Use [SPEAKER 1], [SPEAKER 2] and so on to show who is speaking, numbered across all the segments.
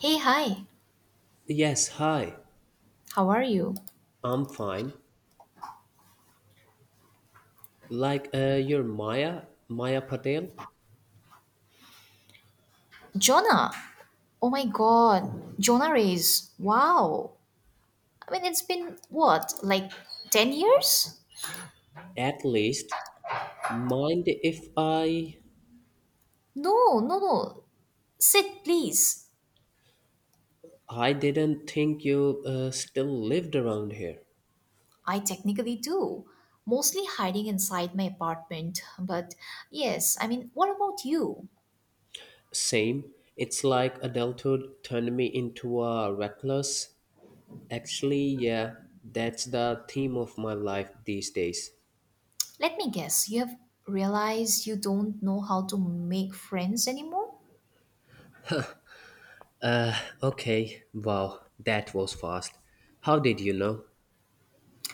[SPEAKER 1] Hey, hi.
[SPEAKER 2] Yes, hi.
[SPEAKER 1] How are you?
[SPEAKER 2] I'm fine. You're Maya, Maya Patel.
[SPEAKER 1] Jonah. Oh my god. Jonah Rays. Wow. I mean, it's been what, like 10 years?
[SPEAKER 2] At least, mind if I
[SPEAKER 1] No, no, no. Sit, please.
[SPEAKER 2] I didn't think you still lived around here.
[SPEAKER 1] I technically do. Mostly hiding inside my apartment. But yes, I mean, what about you?
[SPEAKER 2] Same. It's like adulthood turned me into a reckless. Actually, that's the theme of my life these days.
[SPEAKER 1] Let me guess. You have realized you don't know how to make friends anymore?
[SPEAKER 2] Okay, wow, that was fast. How did you know?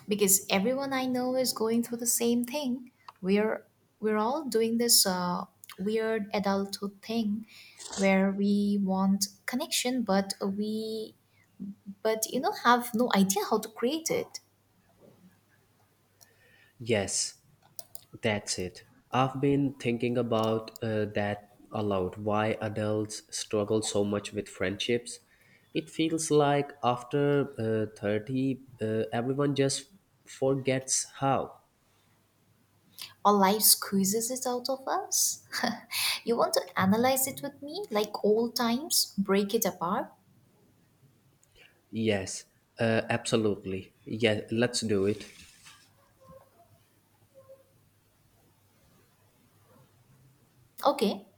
[SPEAKER 1] Because everyone I know is going through the same thing. We're we're all doing this weird adulthood thing where we want connection, but we but you know have no idea how to create it.
[SPEAKER 2] Yes, that's it. I've been thinking about that a lot. Why adults struggle so much with friendships. It feels like after 30, everyone just forgets how.
[SPEAKER 1] Our life squeezes it out of us. You want to analyze it with me like old times, break it apart?
[SPEAKER 2] Yes, absolutely. Yeah, let's do it.
[SPEAKER 1] Okay.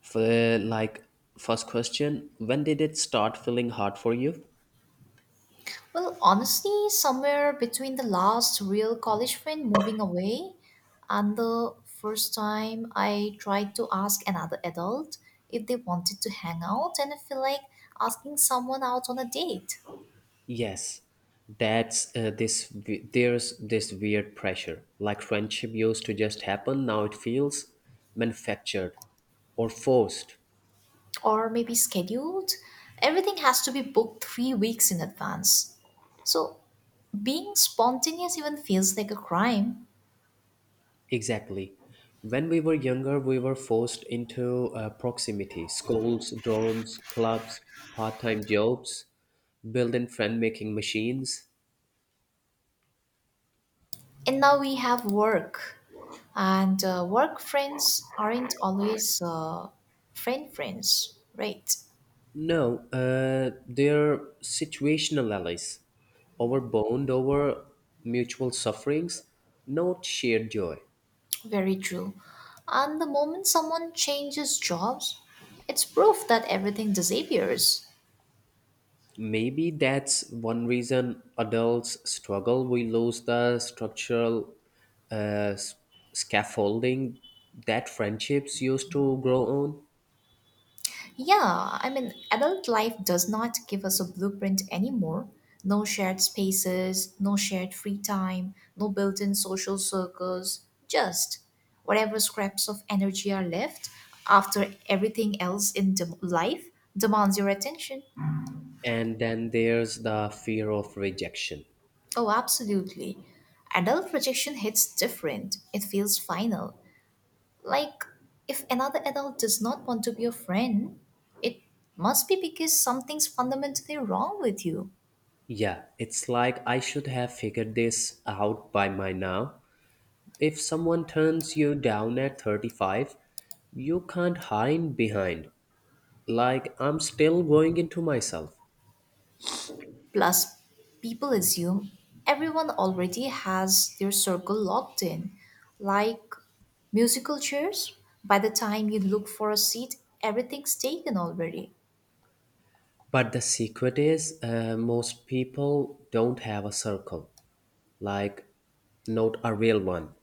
[SPEAKER 2] For, like, first question. When did it start feeling hard for you?
[SPEAKER 1] Well, honestly, somewhere between the last real college friend moving away and the first time I tried to ask another adult if they wanted to hang out, and I feel like asking someone out on a date
[SPEAKER 2] Yes, that's There's this weird pressure. Like friendship used to just happen, now it feels manufactured or forced.
[SPEAKER 1] or maybe scheduled. Everything has to be booked 3 weeks in advance. So being spontaneous even feels like a crime.
[SPEAKER 2] Exactly. When we were younger, we were forced into proximity, schools, dorms, clubs, part-time jobs, built-in friend-making machines.
[SPEAKER 1] And now we have work, and work friends aren't always friend friends, right?
[SPEAKER 2] No, they're situational allies, over bond, over mutual sufferings, not shared joy.
[SPEAKER 1] Very true. And the moment someone changes jobs, it's proof that everything disappears.
[SPEAKER 2] Maybe that's one reason adults struggle. We lose the structural uh, s- scaffolding that friendships used to grow on.
[SPEAKER 1] Yeah, I mean, adult life does not give us a blueprint anymore. No shared spaces, no shared free time, no built in social circles, just whatever scraps of energy are left after everything else in life demands your attention.
[SPEAKER 2] And then there's the fear of rejection.
[SPEAKER 1] Oh, absolutely. Adult rejection hits different, it feels final. Like, if another adult does not want to be your friend, it must be because something's fundamentally wrong with you.
[SPEAKER 2] Yeah, it's like I should have figured this out by my now. If someone turns you down at 35, you can't hide behind. Like, I'm still going into myself.
[SPEAKER 1] Plus, people assume everyone already has their circle locked in, like musical chairs. By the time you look for a seat, everything's taken already.
[SPEAKER 2] But the secret is, most people don't have a circle, like not a real one,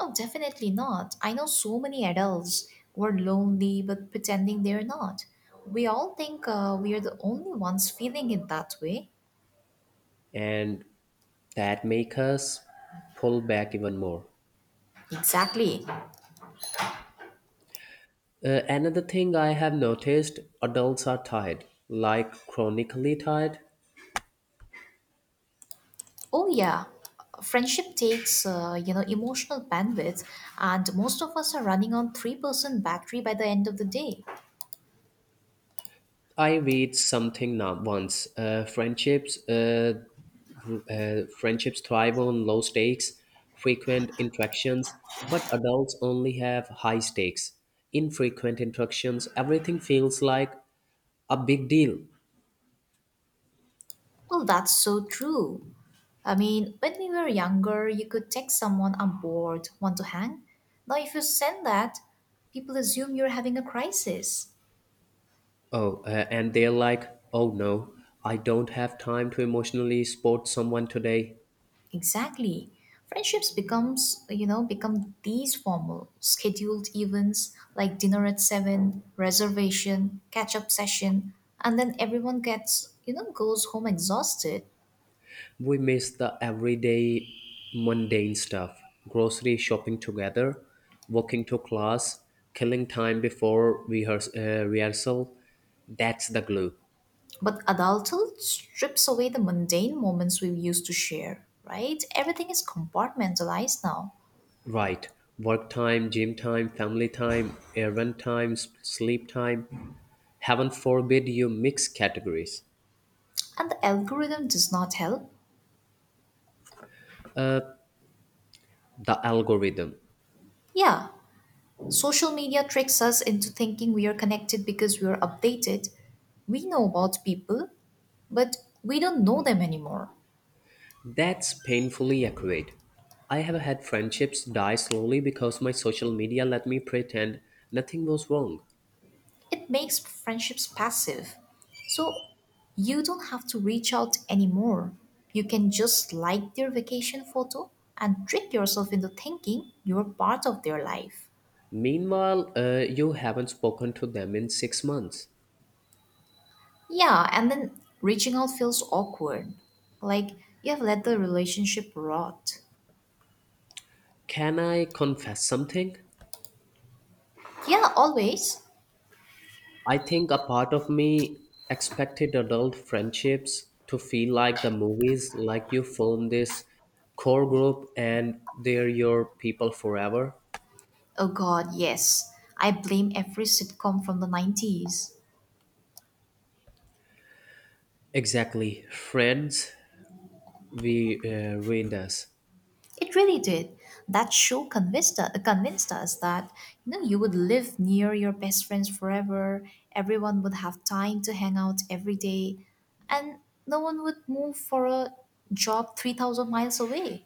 [SPEAKER 1] Oh, definitely not. I know so many adults who are lonely but pretending they're not. We all think we are the only ones feeling it that way.
[SPEAKER 2] and that makes us pull back even more.
[SPEAKER 1] Exactly.
[SPEAKER 2] Another thing I have noticed, adults are tired, like chronically tired.
[SPEAKER 1] Oh yeah, friendship takes emotional bandwidth, and most of us are running on 3% battery by the end of the day.
[SPEAKER 2] I read something not once. Friendships thrive on low stakes, frequent interactions, but adults only have high stakes. Infrequent interactions, everything feels like a big deal.
[SPEAKER 1] Well, that's so true. I mean, when we were younger, you could text someone, "I'm bored, want to hang." Now, if you send that, people assume you're having a crisis.
[SPEAKER 2] Oh, and they're like, oh no, I don't have time to emotionally support someone today.
[SPEAKER 1] Exactly. Friendships become these formal, scheduled events like dinner at 7, reservation, catch-up session, and then everyone goes home exhausted.
[SPEAKER 2] We miss the everyday mundane stuff, grocery shopping together, walking to class, killing time before rehearsal. That's the glue.
[SPEAKER 1] But adulthood strips away the mundane moments we used to share, right? Everything is compartmentalized now,
[SPEAKER 2] Right. Work time, gym time, family time, errand time, sleep time. Heaven forbid you mix categories.
[SPEAKER 1] and the algorithm does not help.
[SPEAKER 2] The algorithm.
[SPEAKER 1] Yeah, social media tricks us into thinking we are connected because we are updated. We know about people, but we don't know them anymore.
[SPEAKER 2] That's painfully accurate. I have had friendships die slowly because my social media let me pretend nothing was wrong.
[SPEAKER 1] It makes friendships passive. So you don't have to reach out anymore. You can just like their vacation photo and trick yourself into thinking you're part of their life.
[SPEAKER 2] Meanwhile, you haven't spoken to them in 6 months.
[SPEAKER 1] Yeah, and then reaching out feels awkward. Like you have let the relationship rot.
[SPEAKER 2] Can I confess something?
[SPEAKER 1] Yeah, always.
[SPEAKER 2] I think a part of me expected adult friendships to feel like the movies, like you form this core group and they're your people forever.
[SPEAKER 1] Oh god, yes. I blame every sitcom from the 90s.
[SPEAKER 2] Exactly. Friends, we ruined us.
[SPEAKER 1] It really did. That show convinced us that you would live near your best friends forever, everyone would have time to hang out every day, and no one would move for a job 3,000 miles away.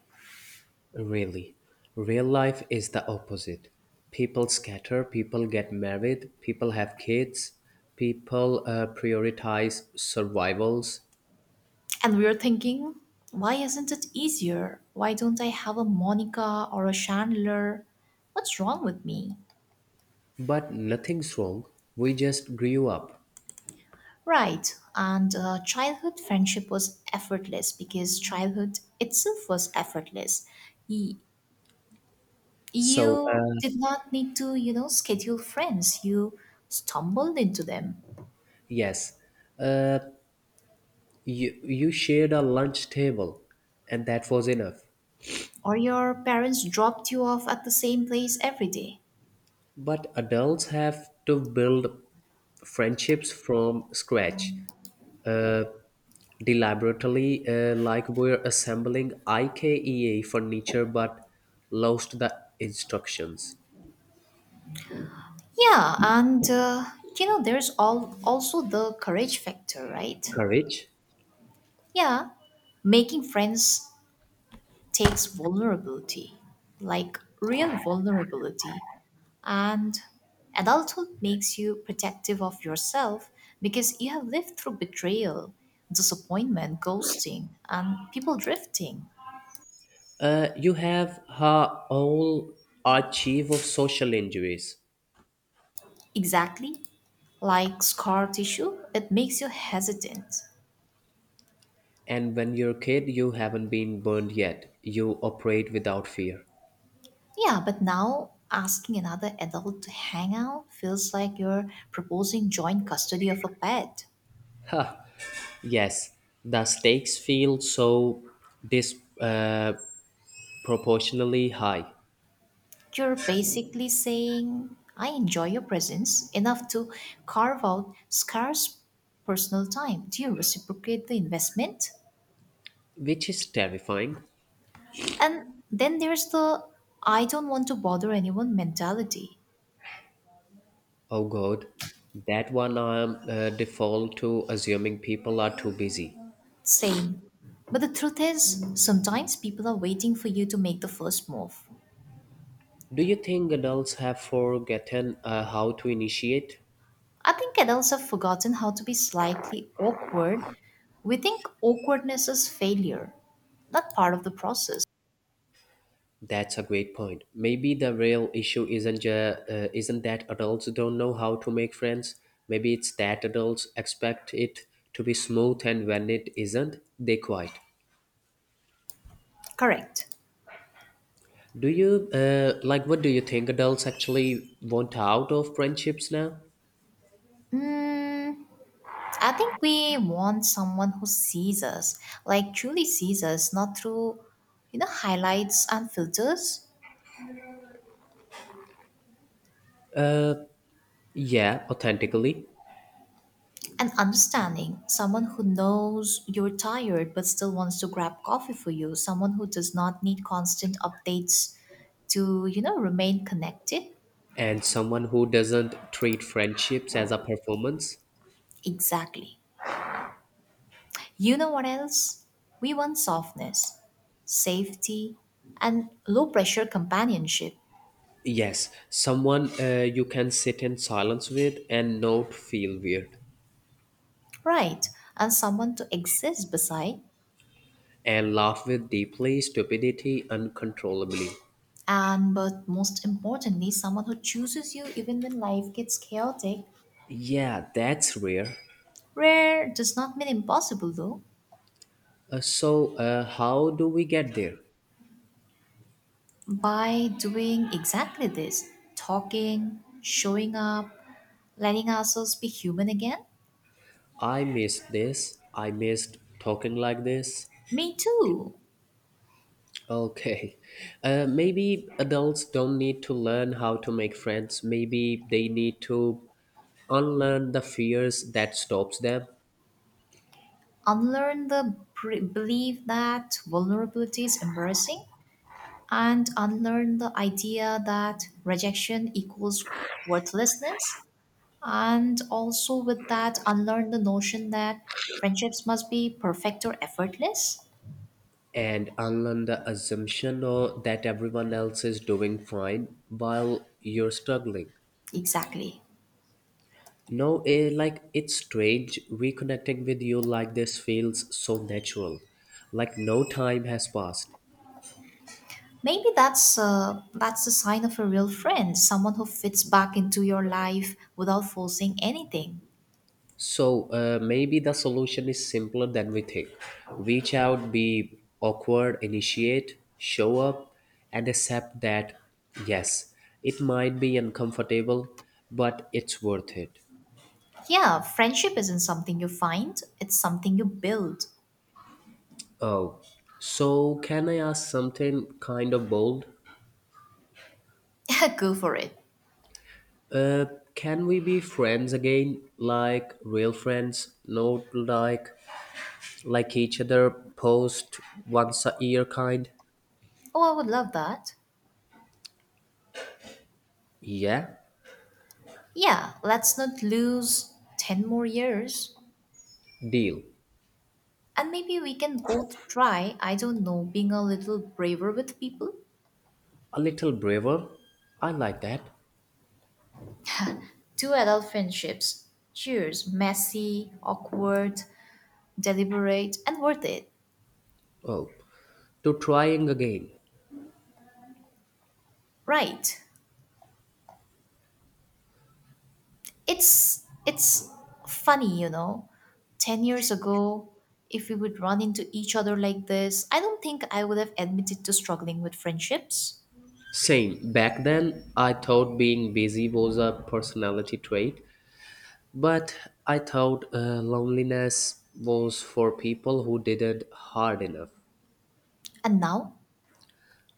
[SPEAKER 2] Really, real life is the opposite. People scatter, people get married, people have kids, people prioritize survivals,
[SPEAKER 1] And we were thinking, why isn't it easier? Why don't I have a Monica or a Chandler? What's wrong with me?
[SPEAKER 2] but nothing's wrong. We just grew up.
[SPEAKER 1] Right, and childhood friendship was effortless because childhood itself was effortless. Y-
[SPEAKER 2] So,
[SPEAKER 1] You
[SPEAKER 2] uh,
[SPEAKER 1] did not need to, schedule friends. You stumbled into them,
[SPEAKER 2] yes, uh, you shared a lunch table, and that was enough.
[SPEAKER 1] or your parents dropped you off at the same place every day.
[SPEAKER 2] But adults have to build friendships from scratch. Uh, Deliberately, like we're assembling IKEA furniture but lost the instructions.
[SPEAKER 1] Yeah, and there's all also the courage factor, right?
[SPEAKER 2] Courage.
[SPEAKER 1] Yeah, making friends takes vulnerability, like real vulnerability. And adulthood makes you protective of yourself because you have lived through betrayal, disappointment, ghosting, and people drifting.
[SPEAKER 2] You have her whole archive of social injuries,
[SPEAKER 1] Exactly like scar tissue, it makes you hesitant.
[SPEAKER 2] and when you're a kid, you haven't been burned yet. You operate without fear.
[SPEAKER 1] Yeah, but now asking another adult to hang out feels like you're proposing joint custody of a pet.
[SPEAKER 2] Yes, the stakes feel so disproportionately proportionally high,
[SPEAKER 1] You're basically saying, I enjoy your presence enough to carve out scarce personal time. Do you reciprocate the investment?
[SPEAKER 2] which is terrifying.
[SPEAKER 1] And then there's the I don't want to bother anyone mentality.
[SPEAKER 2] Oh God, that one I'm default to assuming people are too busy.
[SPEAKER 1] Same. But the truth is, sometimes people are waiting for you to make the first move.
[SPEAKER 2] Do you think adults have forgotten how to initiate?
[SPEAKER 1] I think adults have forgotten how to be slightly awkward. We think awkwardness is failure, not part of the process.
[SPEAKER 2] That's a great point. Maybe the real issue isn't that adults don't know how to make friends. Maybe it's that adults expect it to be smooth, and when it isn't, they quit.
[SPEAKER 1] Correct.
[SPEAKER 2] Do you like what do you think adults actually want out of friendships now?
[SPEAKER 1] Mm, I think we want someone who sees us, like truly sees us, not through, highlights and filters.
[SPEAKER 2] Yeah, authentically.
[SPEAKER 1] And understanding, someone who knows you're tired but still wants to grab coffee for you, someone who does not need constant updates to, remain connected.
[SPEAKER 2] And someone who doesn't treat friendships as a performance.
[SPEAKER 1] Exactly. You know what else? We want softness, safety, and low pressure companionship.
[SPEAKER 2] Yes, someone you can sit in silence with and not feel weird,
[SPEAKER 1] Right. And someone to exist beside
[SPEAKER 2] and laugh with deeply stupidity uncontrollably.
[SPEAKER 1] and but most importantly someone who chooses you even when life gets chaotic.
[SPEAKER 2] Yeah, that's rare.
[SPEAKER 1] Rare does not mean impossible though.
[SPEAKER 2] So how do we get there?
[SPEAKER 1] By doing exactly this, talking, showing up, letting ourselves be human again.
[SPEAKER 2] I missed this. I missed talking like this.
[SPEAKER 1] Me too.
[SPEAKER 2] Okay. Maybe adults don't need to learn how to make friends. Maybe they need to unlearn the fears that stops them,
[SPEAKER 1] Unlearn the belief that vulnerability is embarrassing and unlearn the idea that rejection equals worthlessness. And also, with that, unlearn the notion that friendships must be perfect or effortless.
[SPEAKER 2] and unlearn the assumption or that everyone else is doing fine while you're struggling.
[SPEAKER 1] Exactly.
[SPEAKER 2] No, like it's strange reconnecting with you, like this feels so natural, like no time has passed.
[SPEAKER 1] Maybe that's the sign of a real friend, someone who fits back into your life without forcing anything.
[SPEAKER 2] So maybe the solution is simpler than we think. Reach out, be awkward, initiate, show up, and accept that yes, it might be uncomfortable, but it's worth it.
[SPEAKER 1] Yeah, friendship isn't something you find; it's something you build.
[SPEAKER 2] Oh, so can I ask something kind of bold?
[SPEAKER 1] Go for it.
[SPEAKER 2] Uh, can we be friends again, like real friends, not like like each other post once a year kind?
[SPEAKER 1] Oh, I would love that.
[SPEAKER 2] Yeah,
[SPEAKER 1] Yeah, let's not lose 10 more years.
[SPEAKER 2] deal.
[SPEAKER 1] And maybe we can both try, I don't know, being a little braver with people.
[SPEAKER 2] A little braver? I like that.
[SPEAKER 1] Two adult friendships. Cheers. Messy, awkward, deliberate, and worth it.
[SPEAKER 2] Oh, to trying again.
[SPEAKER 1] Right. It's funny. 10 years ago, if we would run into each other like this, I don't think I would have admitted to struggling with friendships.
[SPEAKER 2] Same. Back then, I thought being busy was a personality trait, but I thought loneliness was for people who didn't hard enough.
[SPEAKER 1] And now?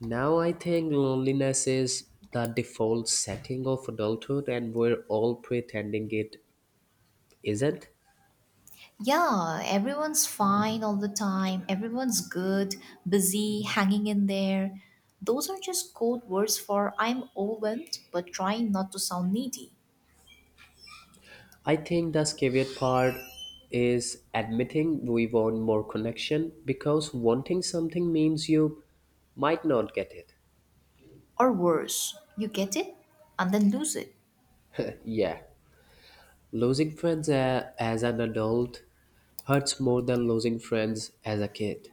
[SPEAKER 2] Now I think loneliness is the default setting of adulthood, and we're all pretending it isn't.
[SPEAKER 1] Yeah, everyone's fine all the time. Everyone's good, busy, hanging in there. Those are just code words for I'm overwhelmed, but trying not to sound needy.
[SPEAKER 2] I think the scarier part is admitting we want more connection because wanting something means you might not get it.
[SPEAKER 1] Or worse, you get it and then lose it.
[SPEAKER 2] Yeah, losing friends as an adult hurts more than losing friends as a kid,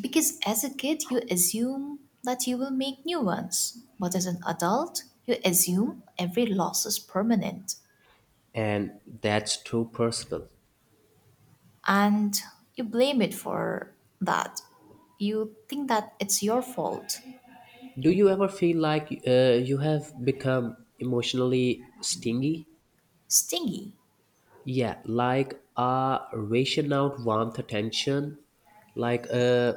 [SPEAKER 1] Because as a kid, you assume that you will make new ones. But as an adult, you assume every loss is permanent.
[SPEAKER 2] and that's too personal.
[SPEAKER 1] And you blame it for that. You think that it's your fault.
[SPEAKER 2] Do you ever feel like you have become emotionally stingy?
[SPEAKER 1] Stingy.
[SPEAKER 2] Yeah, like ration out warmth attention, like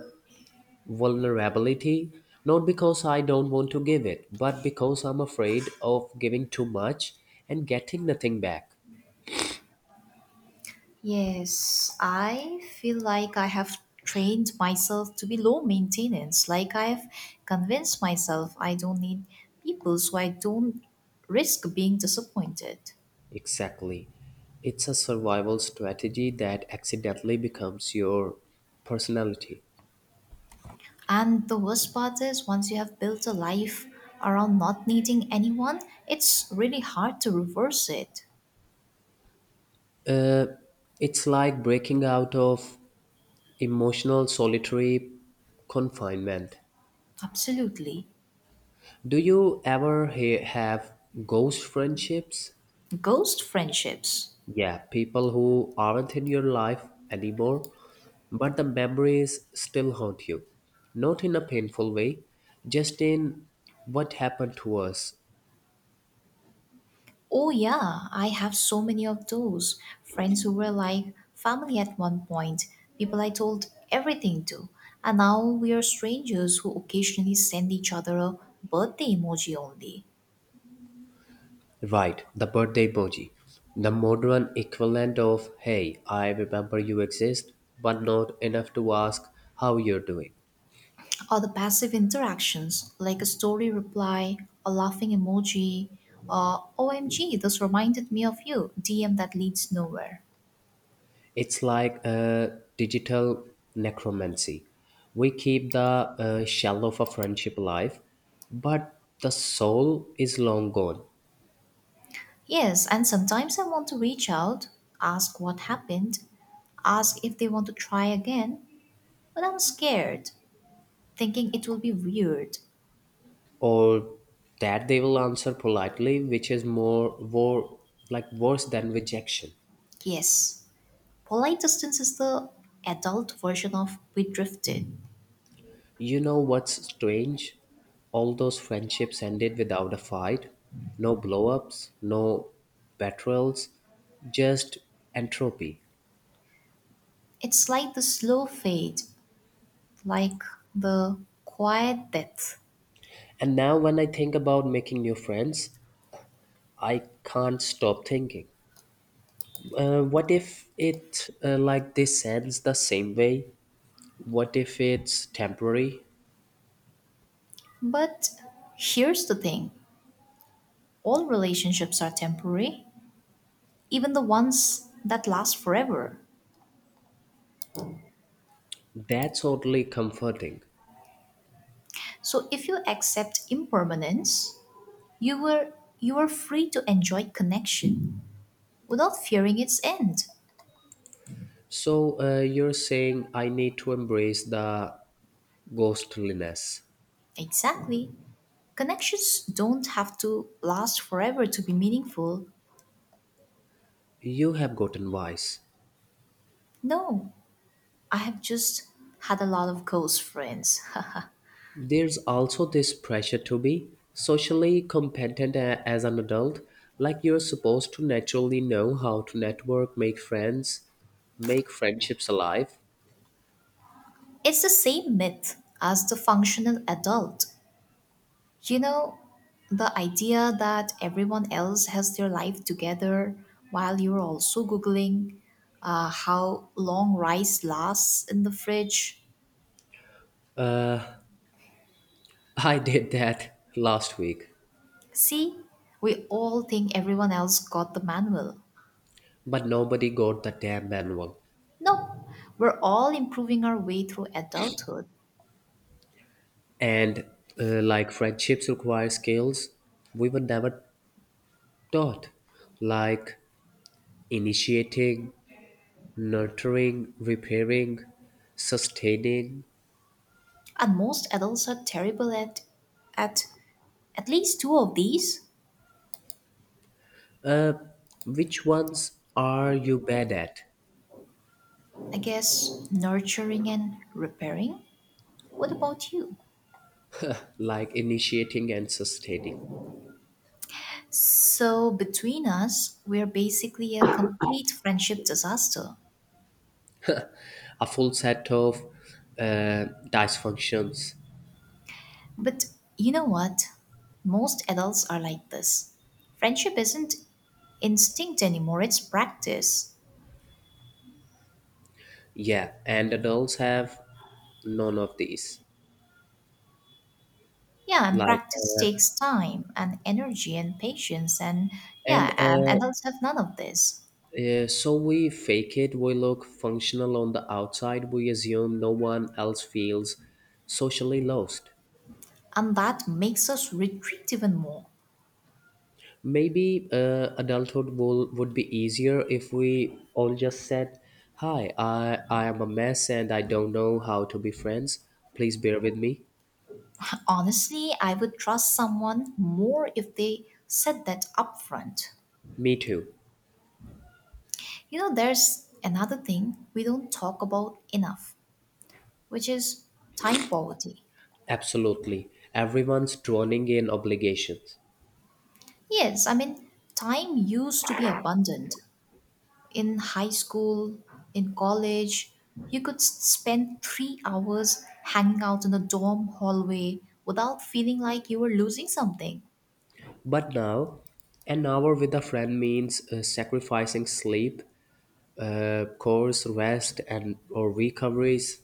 [SPEAKER 2] vulnerability, not because I don't want to give it, but because I'm afraid of giving too much and getting nothing back.
[SPEAKER 1] Yes, I feel like I have trained myself to be low maintenance. Like I've convinced myself I don't need people, so I don't risk being disappointed.
[SPEAKER 2] Exactly. It's a survival strategy that accidentally becomes your personality.
[SPEAKER 1] And the worst part is, once you have built a life around not needing anyone, it's really hard to reverse it.
[SPEAKER 2] It's like breaking out of emotional solitary confinement.
[SPEAKER 1] Absolutely.
[SPEAKER 2] Do you ever have ghost friendships?
[SPEAKER 1] Ghost friendships.
[SPEAKER 2] Yeah, people who aren't in your life anymore, but the memories still haunt you. Not in a painful way, just in what happened to us.
[SPEAKER 1] Oh, yeah, I have so many of those. Friends who were like family at one point, people I told everything to. And now we are strangers who occasionally send each other a birthday emoji only.
[SPEAKER 2] Right, the birthday emoji. The modern equivalent of, hey, I remember you exist, but not enough to ask how you're doing.
[SPEAKER 1] Or the passive interactions like a story reply, a laughing emoji, or OMG, this reminded me of you, DM that leads nowhere.
[SPEAKER 2] It's like a digital necromancy. We keep the shell of a friendship alive, but the soul is long gone.
[SPEAKER 1] Yes, and sometimes I want to reach out, ask what happened, ask if they want to try again, but I'm scared, thinking it will be weird.
[SPEAKER 2] Or that they will answer politely, which is like worse than rejection.
[SPEAKER 1] Yes, polite distance is the adult version of we drifted.
[SPEAKER 2] You know what's strange? All those friendships ended without a fight, no blow-ups, no betrayals, just entropy.
[SPEAKER 1] It's like the slow fade, like the quiet death.
[SPEAKER 2] And now when I think about making new friends, I can't stop thinking. What if it like this ends the same way? What if it's temporary?
[SPEAKER 1] But here's the thing all relationships are temporary, even the ones that last forever.
[SPEAKER 2] That's oddly comforting.
[SPEAKER 1] So if you accept impermanence, you were you are free to enjoy connection without fearing its end.
[SPEAKER 2] So you're saying I need to embrace the ghostliness.
[SPEAKER 1] Exactly. Connections don't have to last forever to be meaningful.
[SPEAKER 2] You have gotten wise.
[SPEAKER 1] No, I have just had a lot of ghost friends.
[SPEAKER 2] There's also this pressure to be socially competent as an adult, like you're supposed to naturally know how to network, make friends, make friendships alive.
[SPEAKER 1] It's the same myth as the functional adult. You know, the idea that everyone else has their life together while you're also Googling how long rice lasts in the fridge.
[SPEAKER 2] I did that last week,
[SPEAKER 1] See, we all think everyone else got the manual.
[SPEAKER 2] but nobody got the damn manual.
[SPEAKER 1] No, we're all improving our way through adulthood.
[SPEAKER 2] And like friendships require skills we were never taught, like initiating, nurturing, repairing, sustaining.
[SPEAKER 1] And most adults are terrible at at least two of these.
[SPEAKER 2] Which ones are you bad at?
[SPEAKER 1] I guess nurturing and repairing. What about you?
[SPEAKER 2] Like initiating and sustaining.
[SPEAKER 1] So between us, we're basically a complete friendship disaster.
[SPEAKER 2] A full set of uh, dysfunctions.
[SPEAKER 1] But you know what? Most adults are like this. Friendship isn't instinct anymore, it's practice.
[SPEAKER 2] Yeah, and adults have none of these.
[SPEAKER 1] Yeah, and
[SPEAKER 2] Like,
[SPEAKER 1] practice takes time and energy and patience. And
[SPEAKER 2] and
[SPEAKER 1] yeah, and adults have none of this.
[SPEAKER 2] so we fake it. We look functional on the outside. We assume no one else feels socially lost.
[SPEAKER 1] And that makes us retreat even more.
[SPEAKER 2] Maybe adulthood will, would be easier if we all just said, hi, I am a mess and I don't know how to be friends. Please bear with me.
[SPEAKER 1] Honestly, I would trust someone more if they said that upfront.
[SPEAKER 2] Me too.
[SPEAKER 1] You know, there's another thing we don't talk about enough, which is time poverty.
[SPEAKER 2] Absolutely. Everyone's drowning in obligations.
[SPEAKER 1] Yes, I mean, time used to be abundant. In high school, in college, you could spend 3 hours hanging out in a dorm hallway without feeling like you were losing something.
[SPEAKER 2] But now, an hour with a friend means sacrificing sleep, course rest, and or recoveries.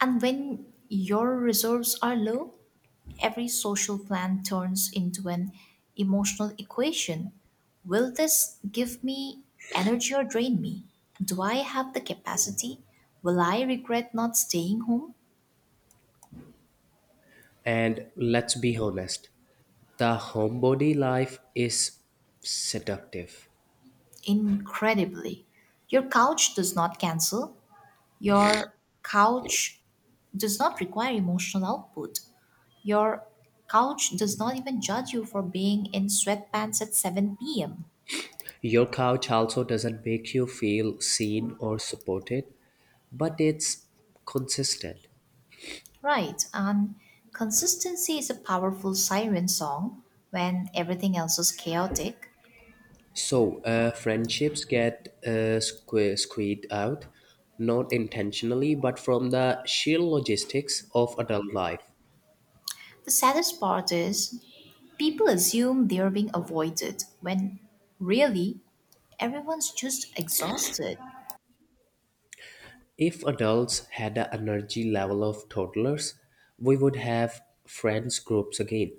[SPEAKER 1] And when your reserves are low, every social plan turns into an emotional equation. Will this give me energy or drain me? Do I have the capacity? Will I regret not staying home?
[SPEAKER 2] And let's be honest, the homebody life is seductive.
[SPEAKER 1] Incredibly. Your couch does not cancel. Your couch does not require emotional output. Your couch does not even judge you for being in sweatpants at 7 p.m.
[SPEAKER 2] Your couch also doesn't make you feel seen or supported, but it's consistent.
[SPEAKER 1] Right, and consistency is a powerful siren song when everything else is chaotic.
[SPEAKER 2] So friendships get squeezed out, not intentionally, but from the sheer logistics of adult life.
[SPEAKER 1] The saddest part is people assume they're being avoided when really everyone's just exhausted.
[SPEAKER 2] If adults had the energy level of toddlers, we would have friends groups again.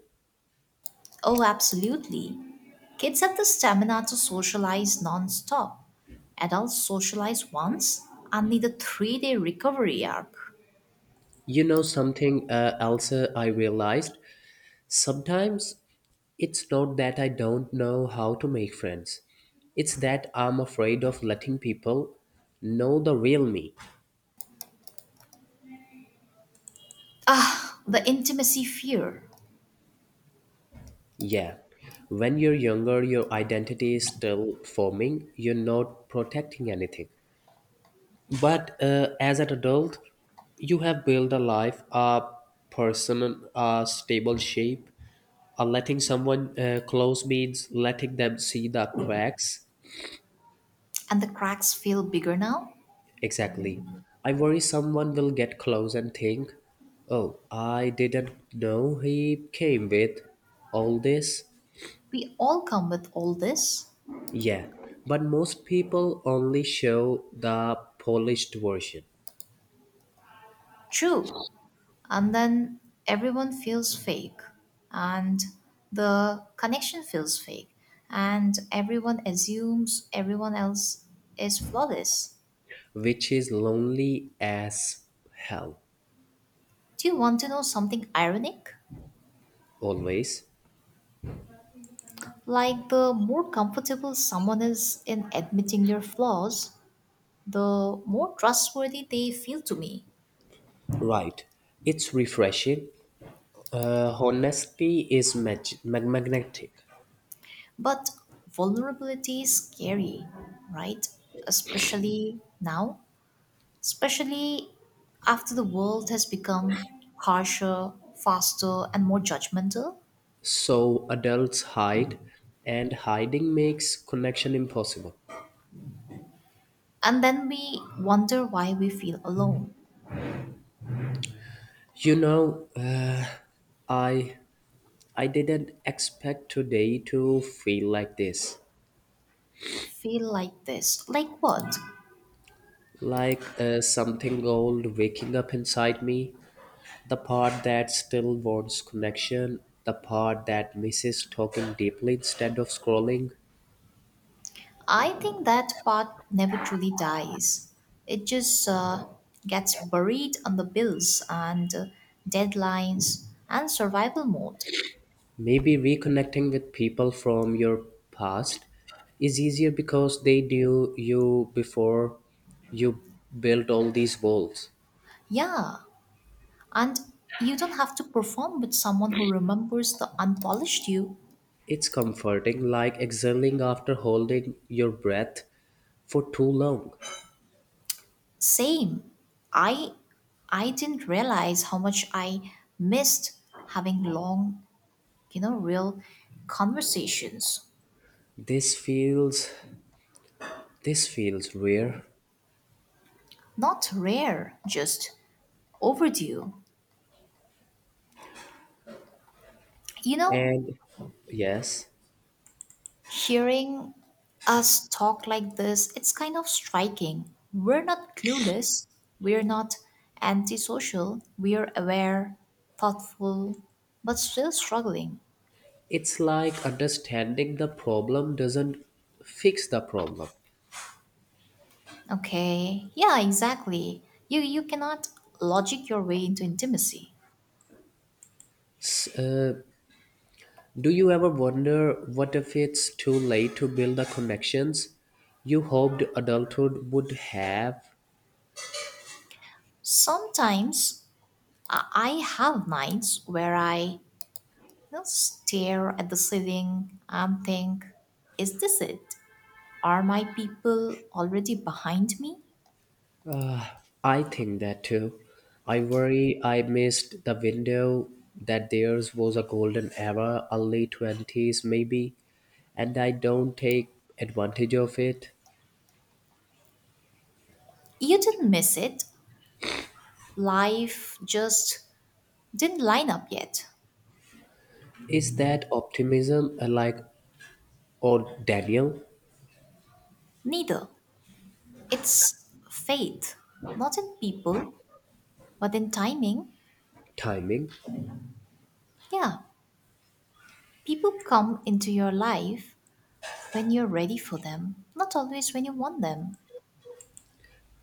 [SPEAKER 1] Oh, absolutely. Kids have the stamina to socialize non-stop. Adults socialize once and need a 3-day recovery arc.
[SPEAKER 2] You know something else I realized? Sometimes it's not that I don't know how to make friends. It's that I'm afraid of letting people know the real me.
[SPEAKER 1] Ah, the intimacy fear.
[SPEAKER 2] Yeah. When you're younger, your identity is still forming. You're not protecting anything. But as an adult, you have built a life, a person, a stable shape. Letting someone close means letting them see the cracks.
[SPEAKER 1] And the cracks feel bigger now?
[SPEAKER 2] Exactly. I worry someone will get close and think, oh, I didn't know he came with all this.
[SPEAKER 1] We all come with all this.
[SPEAKER 2] Yeah, but most people only show the polished version,
[SPEAKER 1] True. And then everyone feels fake. And the connection feels fake. And everyone assumes everyone else is flawless.
[SPEAKER 2] which is lonely as hell,
[SPEAKER 1] Do you want to know something ironic?
[SPEAKER 2] always.
[SPEAKER 1] Like the more comfortable someone is in admitting their flaws, the more trustworthy they feel to me.
[SPEAKER 2] Right. It's refreshing. Honesty is magnetic.
[SPEAKER 1] But vulnerability is scary, right? Especially now, especially after the world has become harsher, faster, and more judgmental.
[SPEAKER 2] So adults hide, and hiding makes connection impossible.
[SPEAKER 1] And then we wonder why we feel alone.
[SPEAKER 2] You know, I I didn't expect today to feel like this.
[SPEAKER 1] Feel like this. Like what?
[SPEAKER 2] Like something old waking up inside me, the part that still wants connection, the part that misses talking deeply instead of scrolling.
[SPEAKER 1] I think that part never truly dies. It just gets buried on the bills and deadlines and survival mode.
[SPEAKER 2] Maybe reconnecting with people from your past is easier because they knew you before you built all these walls.
[SPEAKER 1] Yeah, and you don't have to perform with someone who remembers the unpolished you.
[SPEAKER 2] It's comforting, like exhaling after holding your breath for too long.
[SPEAKER 1] Same. I I didn't realize how much I missed having long, real conversations.
[SPEAKER 2] This feels this feels rare.
[SPEAKER 1] Not rare, just overdue. You know,
[SPEAKER 2] And yes,
[SPEAKER 1] hearing us talk like this, it's kind of striking. We're not clueless, we're not antisocial, we're aware, thoughtful, but still struggling.
[SPEAKER 2] it's like understanding the problem doesn't fix the problem.
[SPEAKER 1] Okay. Yeah, exactly. You cannot logic your way into intimacy.
[SPEAKER 2] S- uh, do you ever wonder what if it's too late to build the connections you hoped adulthood would have?
[SPEAKER 1] Sometimes I have nights where I stare at the ceiling and think, is this it? Are my people already behind me?
[SPEAKER 2] Uh, I think that too. I worry I missed the window that theirs was a golden era, early 20s maybe, and I don't take advantage of it.
[SPEAKER 1] You didn't miss it. Life just didn't line up yet.
[SPEAKER 2] Is that optimism like or Daniel
[SPEAKER 1] Neither. It's faith, not in people, but in timing.
[SPEAKER 2] timing?
[SPEAKER 1] Yeah, people come into your life when you're ready for them, not always when you want them.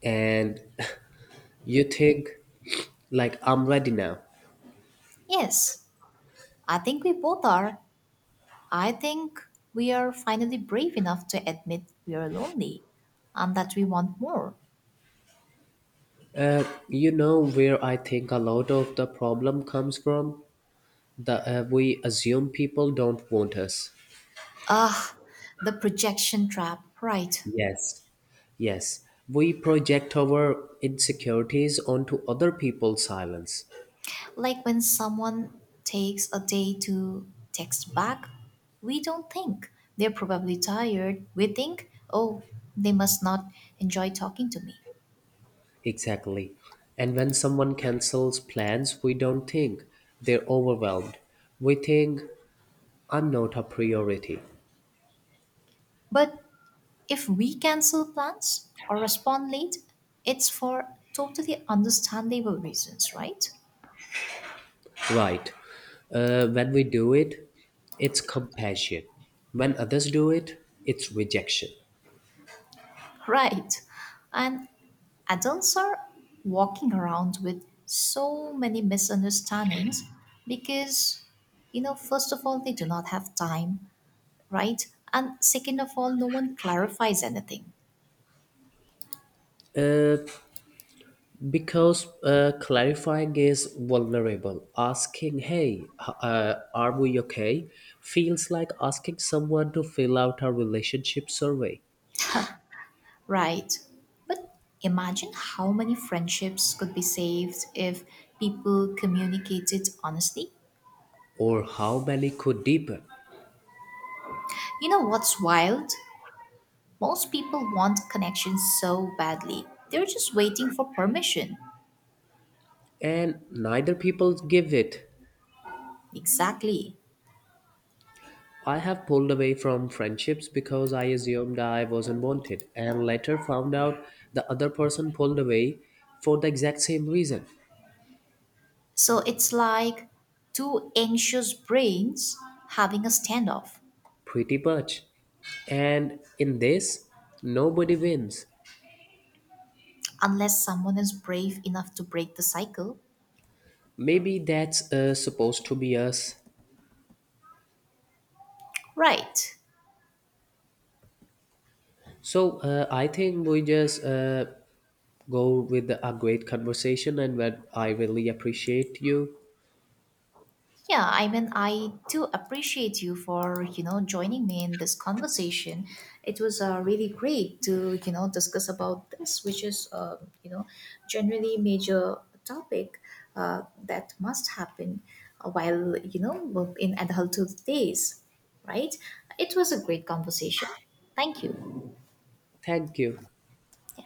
[SPEAKER 2] And you think like I'm ready now.
[SPEAKER 1] Yes, I think we both are. I think we are finally brave enough to admit we are lonely and that we want more.
[SPEAKER 2] You know where I think a lot of the problem comes from? The we assume people don't want us.
[SPEAKER 1] Ah, the projection trap, right?
[SPEAKER 2] Yes, yes. We project our insecurities onto other people's silence.
[SPEAKER 1] Like when someone takes a day to text back, we don't think they're probably tired. We think, oh, they must not enjoy talking to me.
[SPEAKER 2] Exactly. And when someone cancels plans, we don't think they're overwhelmed. We think, I'm not a priority.
[SPEAKER 1] But if we cancel plans or respond late, it's for totally understandable reasons, right?
[SPEAKER 2] Right. When we do it, it's compassion. When others do it, it's rejection.
[SPEAKER 1] Right. And adults are walking around with so many misunderstandings because, first of all, they do not have time, right? And second of all, no one clarifies anything,
[SPEAKER 2] Uh, Because clarifying is vulnerable. Asking, hey, are we okay? Feels like asking someone to fill out a relationship survey.
[SPEAKER 1] right? But imagine how many friendships could be saved if people communicated honestly.
[SPEAKER 2] Or how many could deepen.
[SPEAKER 1] You know what's wild? Most people want connection so badly. They're just waiting for permission.
[SPEAKER 2] And neither people give it.
[SPEAKER 1] Exactly.
[SPEAKER 2] I have pulled away from friendships because I assumed I wasn't wanted and later found out the other person pulled away for the exact same reason.
[SPEAKER 1] So it's like two anxious brains having a standoff.
[SPEAKER 2] Pretty much. And in this, nobody wins.
[SPEAKER 1] Unless someone is brave enough to break the cycle.
[SPEAKER 2] Maybe that's supposed to be us.
[SPEAKER 1] Right.
[SPEAKER 2] So I think we just go with a great conversation, and what I really appreciate you.
[SPEAKER 1] Yeah, I mean, I do appreciate you for, joining me in this conversation. It was really great to, discuss about this, which is, you know, generally major topic that must happen while, in adulthood days, right? It was a great conversation. Thank you.
[SPEAKER 2] Thank you.
[SPEAKER 1] Yeah.